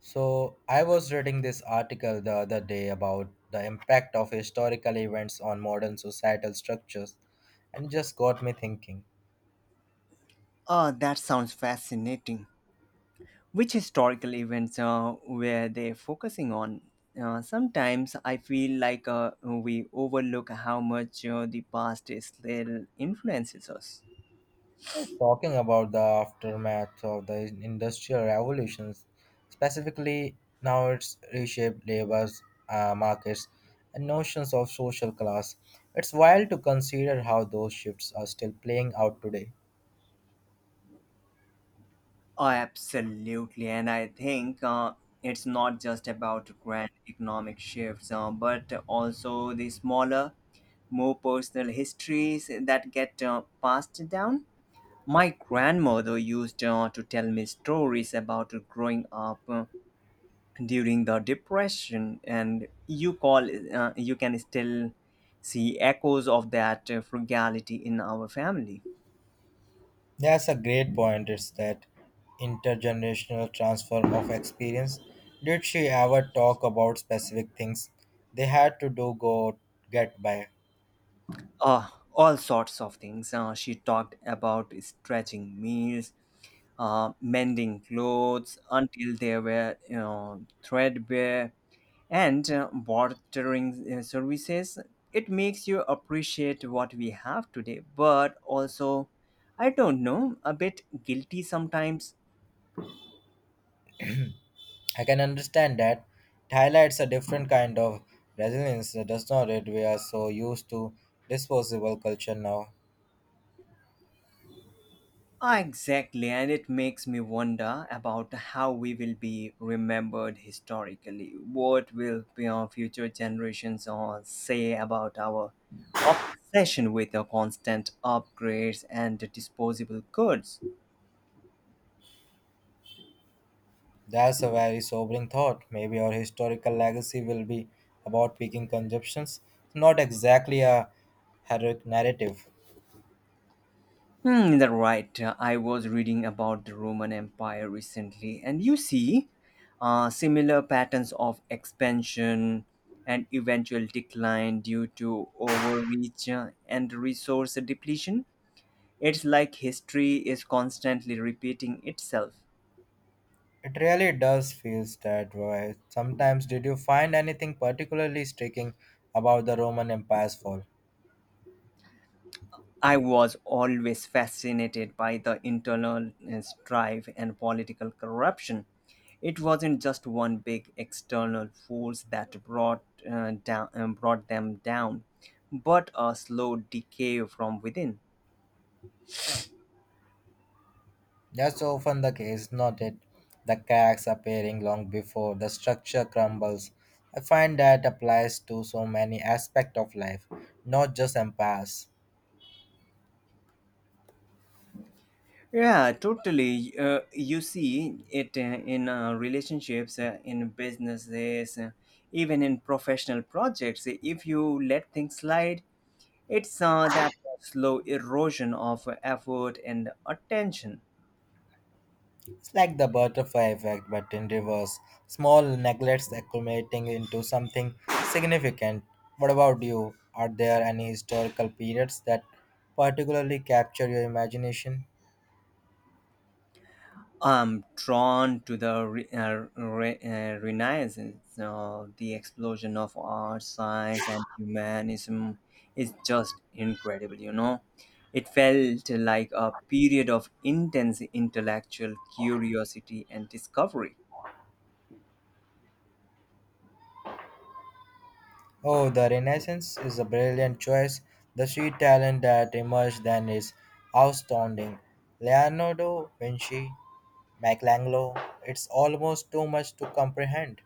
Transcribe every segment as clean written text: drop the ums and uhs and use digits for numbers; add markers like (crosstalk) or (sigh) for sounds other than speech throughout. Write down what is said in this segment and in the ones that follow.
So, I was reading this article the other day about the impact of historical events on modern societal structures and it just got me thinking. That sounds fascinating. Which historical events were they focusing on? Sometimes I feel like we overlook how much the past still influences us. Yeah, talking about the aftermath of the industrial revolutions, specifically now it's reshaped labor's markets and notions of social class. It's wild to consider how those shifts are still playing out today. Oh, absolutely, and I think it's not just about grand economic shifts, but also the smaller, more personal histories that get passed down. My grandmother used to tell me stories about growing up during the depression. And you call, you can still see echoes of that frugality in our family. That's a great point. It's that intergenerational transfer of experience. Did she ever talk about specific things they had to do go get by? uh, all sorts of things, she talked about stretching meals, mending clothes until they were, threadbare, and bartering services. It makes you appreciate what we have today, but also I don't know, a bit guilty sometimes. I can understand that. It highlights a different kind of resilience, does not it? We are so used to disposable culture now. Ah, exactly, and it makes me wonder about how we will be remembered historically. What will be our future generations or say about our obsession with the constant upgrades and disposable goods? That's a very sobering thought. Maybe our historical legacy will be about picking consumptions, not exactly a heroic narrative. Hmm, that right. I was reading about the Roman Empire recently, and you see similar patterns of expansion and eventual decline due to overreach and resource depletion. It's like history is constantly repeating itself. It really does feel that way. Sometimes, did you find anything particularly striking about the Roman Empire's fall? I was always fascinated by the internal strife and political corruption. It wasn't just one big external force that brought them down, but a slow decay from within. That's often the case, not it? The cracks appearing long before the structure crumbles. I find that applies to so many aspects of life, not just empires. Yeah, totally. You see it in relationships, in businesses, even in professional projects. If you let things slide, it's that slow erosion of effort and attention. It's like the butterfly effect, but in reverse. Small neglects accumulating into something significant. What about you? Are there any historical periods that particularly capture your imagination? I'm drawn to the Renaissance, the explosion of art, science, and humanism is just incredible. It felt like a period of intense intellectual curiosity and discovery. Oh, the Renaissance is a brilliant choice. The sheer talent that emerged then is astounding. Leonardo, Vinci, Michelangelo, it's almost too much to comprehend.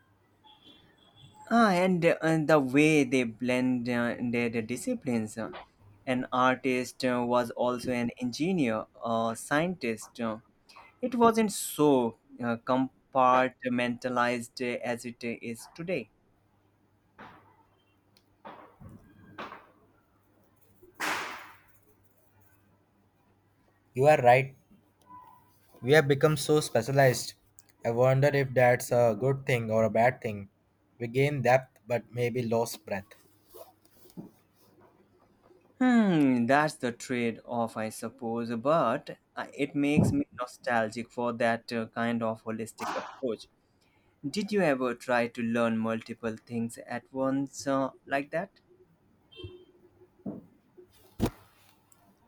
Ah, and the way they blend their disciplines. An artist was also an engineer, a scientist. It wasn't so compartmentalized as it is today. You are right. We have become so specialized. I wonder if that's a good thing or a bad thing. We gain depth but maybe lost breadth. That's the trade-off, I suppose, but it makes me nostalgic for that kind of holistic approach. Did you ever try to learn multiple things at once like that?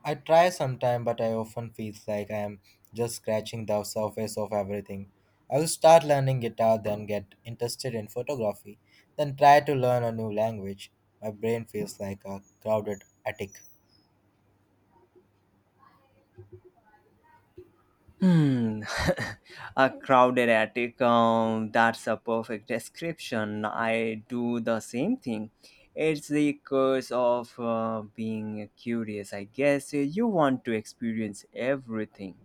I try sometime, but I often feel like I am just scratching the surface of everything. I will start learning guitar, then get interested in photography, then try to learn a new language. My brain feels like a crowded attic. Hmm, (laughs) a crowded attic. That's a perfect description. I do the same thing. It's the curse of being curious, I guess. You want to experience everything.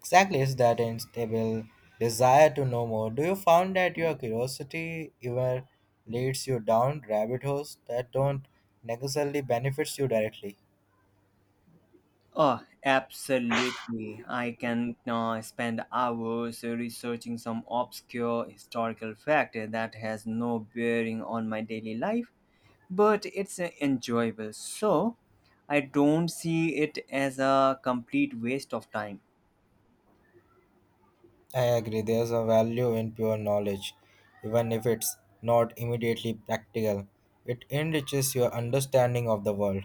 Exactly, is that unstable desire to know more. Do you find that your curiosity ever leads you down rabbit holes that don't necessarily benefits you directly? Oh, absolutely. I can spend hours researching some obscure historical fact that has no bearing on my daily life. But it's enjoyable. So I don't see it as a complete waste of time. I agree, there's a value in pure knowledge, even if it's not immediately practical. It enriches your understanding of the world.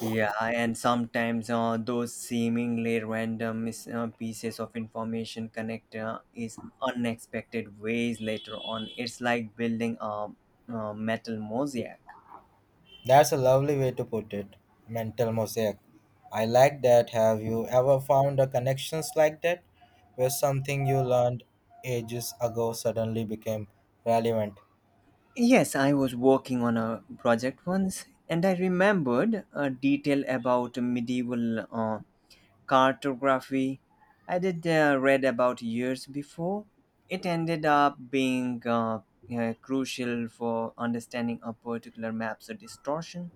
Yeah, and sometimes those seemingly random pieces of information connect is unexpected ways later on. It's like building a metal mosaic. That's a lovely way to put it. Mental mosaic. I like that. Have you ever found a connections like that where something you learned ages ago suddenly became relevant? Yes, I was working on a project once, and I remembered a detail about medieval cartography I did read about years before. It ended up being crucial for understanding a particular map's distortion.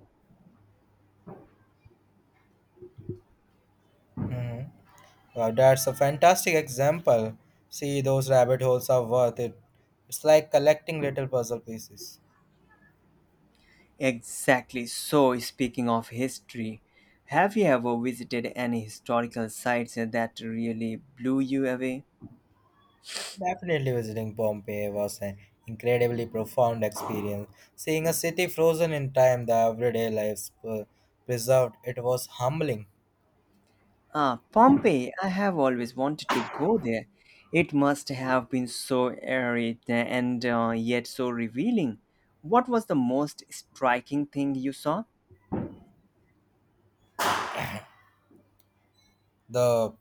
Hmm. Wow, that's a fantastic example. See, those rabbit holes are worth it. It's like collecting little puzzle pieces. Exactly. So, speaking of history, have you ever visited any historical sites that really blew you away? Definitely visiting Pompeii was an incredibly profound experience. Seeing a city frozen in time, the everyday lives preserved, it was humbling. Ah, Pompeii, I have always wanted to go there. It must have been so airy and yet so revealing. What was the most striking thing you saw? The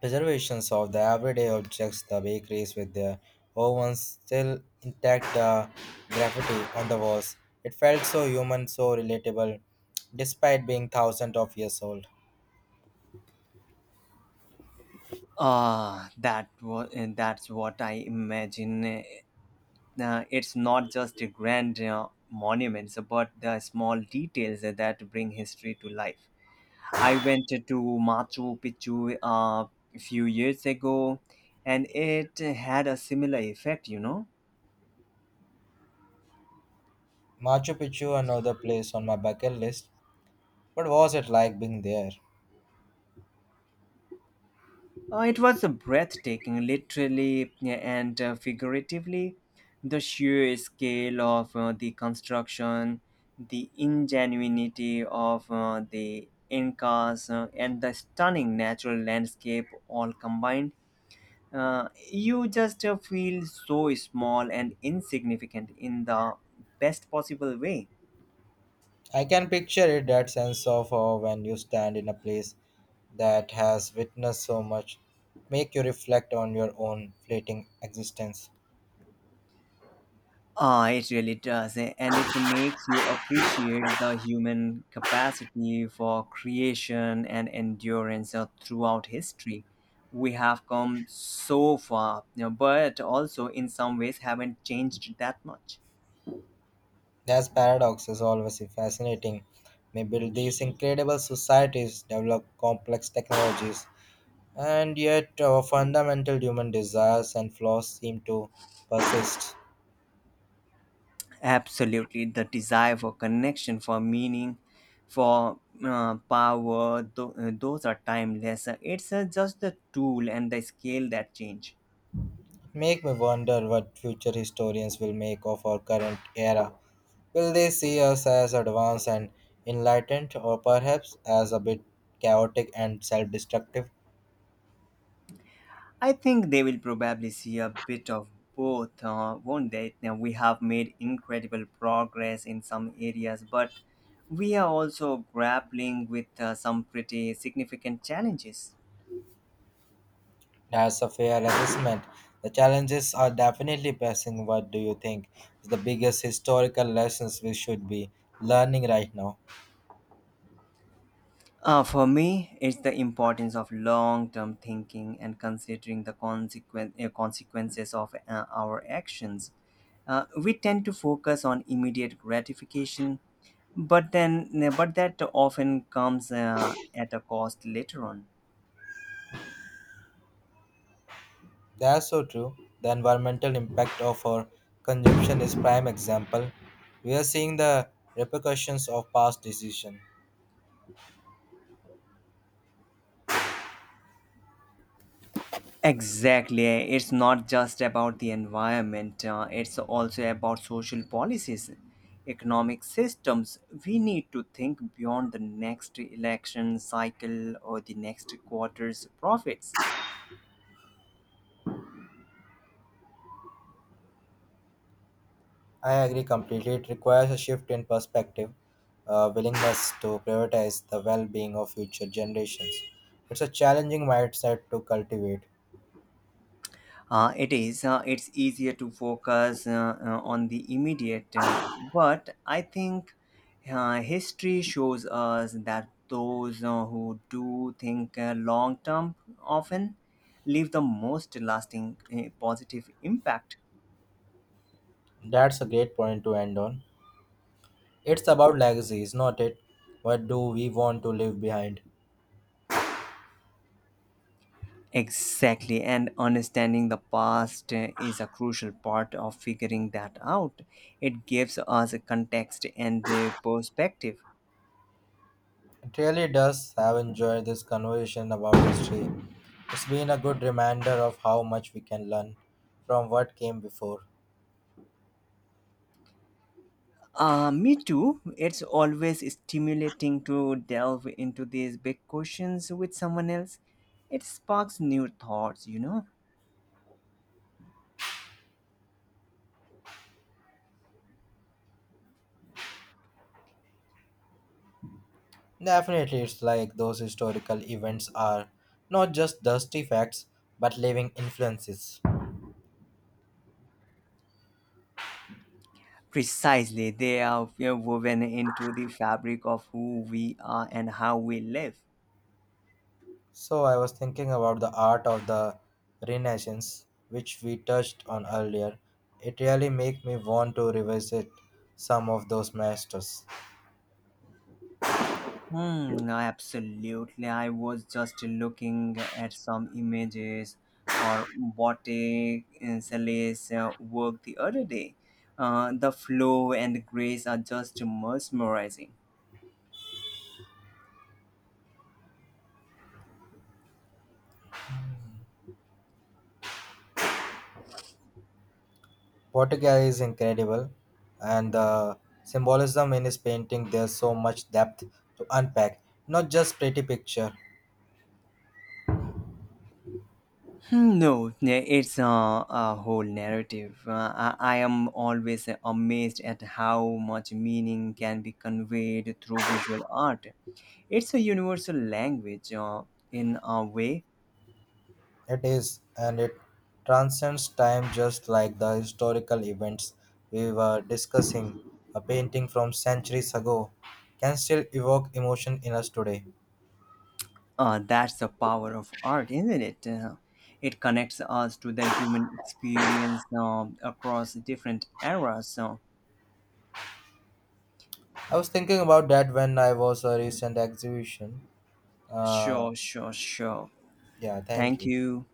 preservations of the everyday objects, the bakeries with their ovens still intact, the graffiti on the walls. It felt so human, so relatable, despite being thousands of years old. Ah, that's what I imagine. It's not just the grand monuments, but the small details that bring history to life. I went to Machu Picchu a few years ago, and it had a similar effect. You know. Machu Picchu, another place on my bucket list. What was it like being there? It was a breathtaking, literally, yeah, and figuratively. The sheer scale of the construction, the ingenuity of the Incas, and the stunning natural landscape all combined. You just feel so small and insignificant in the best possible way. I can picture it, that sense of awe when you stand in a place that has witnessed so much, make you reflect on your own fleeting existence. Ah, it really does, and it makes you appreciate the human capacity for creation and endurance throughout history. We have come so far, but also in some ways haven't changed that much. That paradox is always fascinating. May build these incredible societies, develop complex technologies, and yet our fundamental human desires and flaws seem to persist. Absolutely, the desire for connection, for meaning, for power, those are timeless. It's just the tool and the scale that change. Make me wonder what future historians will make of our current era. Will they see us as advanced and enlightened, or perhaps as a bit chaotic and self destructive? I think they will probably see a bit of both, won't they? Now, we have made incredible progress in some areas, but we are also grappling with some pretty significant challenges. That's a fair assessment. The challenges are definitely pressing. What do you think is the biggest historical lessons we should be learning right now? For me, it's the importance of long term thinking and considering the consequences of our actions. We tend to focus on immediate gratification, but then but that often comes at a cost later on. That's so true. The environmental impact of our consumption is prime example. We are seeing the repercussions of past decision. Exactly. It's not just about the environment, it's also about social policies, economic systems. We need to think beyond the next election cycle or the next quarter's profits. I agree completely. It requires a shift in perspective, a willingness to prioritize the well-being of future generations. It's a challenging mindset to cultivate. It is. It's easier to focus on the immediate. But I think history shows us that those who do think long term often leave the most lasting positive impact. That's a great point to end on. It's about legacy, is not it? What do we want to leave behind? Exactly, and understanding the past is a crucial part of figuring that out. It gives us a context and perspective. It really does have enjoyed this conversation about history. It's been a good reminder of how much we can learn from what came before. Me too. It's always stimulating to delve into these big questions with someone else. It sparks new thoughts. Definitely, it's like those historical events are not just dusty facts but living influences. Precisely, they are woven into the fabric of who we are and how we live. So, I was thinking about the art of the Renaissance, which we touched on earlier. It really makes me want to revisit some of those masters. Hmm, no, absolutely. I was just looking at some images or Botte Insele's work the other day. The flow and the grace are just mesmerizing. Portugal is incredible, and the symbolism in his painting, there's so much depth to unpack. Not just pretty picture, Hmm, no, it's a whole narrative. I am always amazed at how much meaning can be conveyed through visual art. It's a universal language in a way. it is, and it transcends time just like the historical events we were discussing. A painting from centuries ago can still evoke emotion in us today. That's the power of art, isn't it? It connects us to the human experience across different eras. So, I was thinking about that when I was a recent exhibition. Uh, sure, sure, sure. yeah, thank Thank you. you.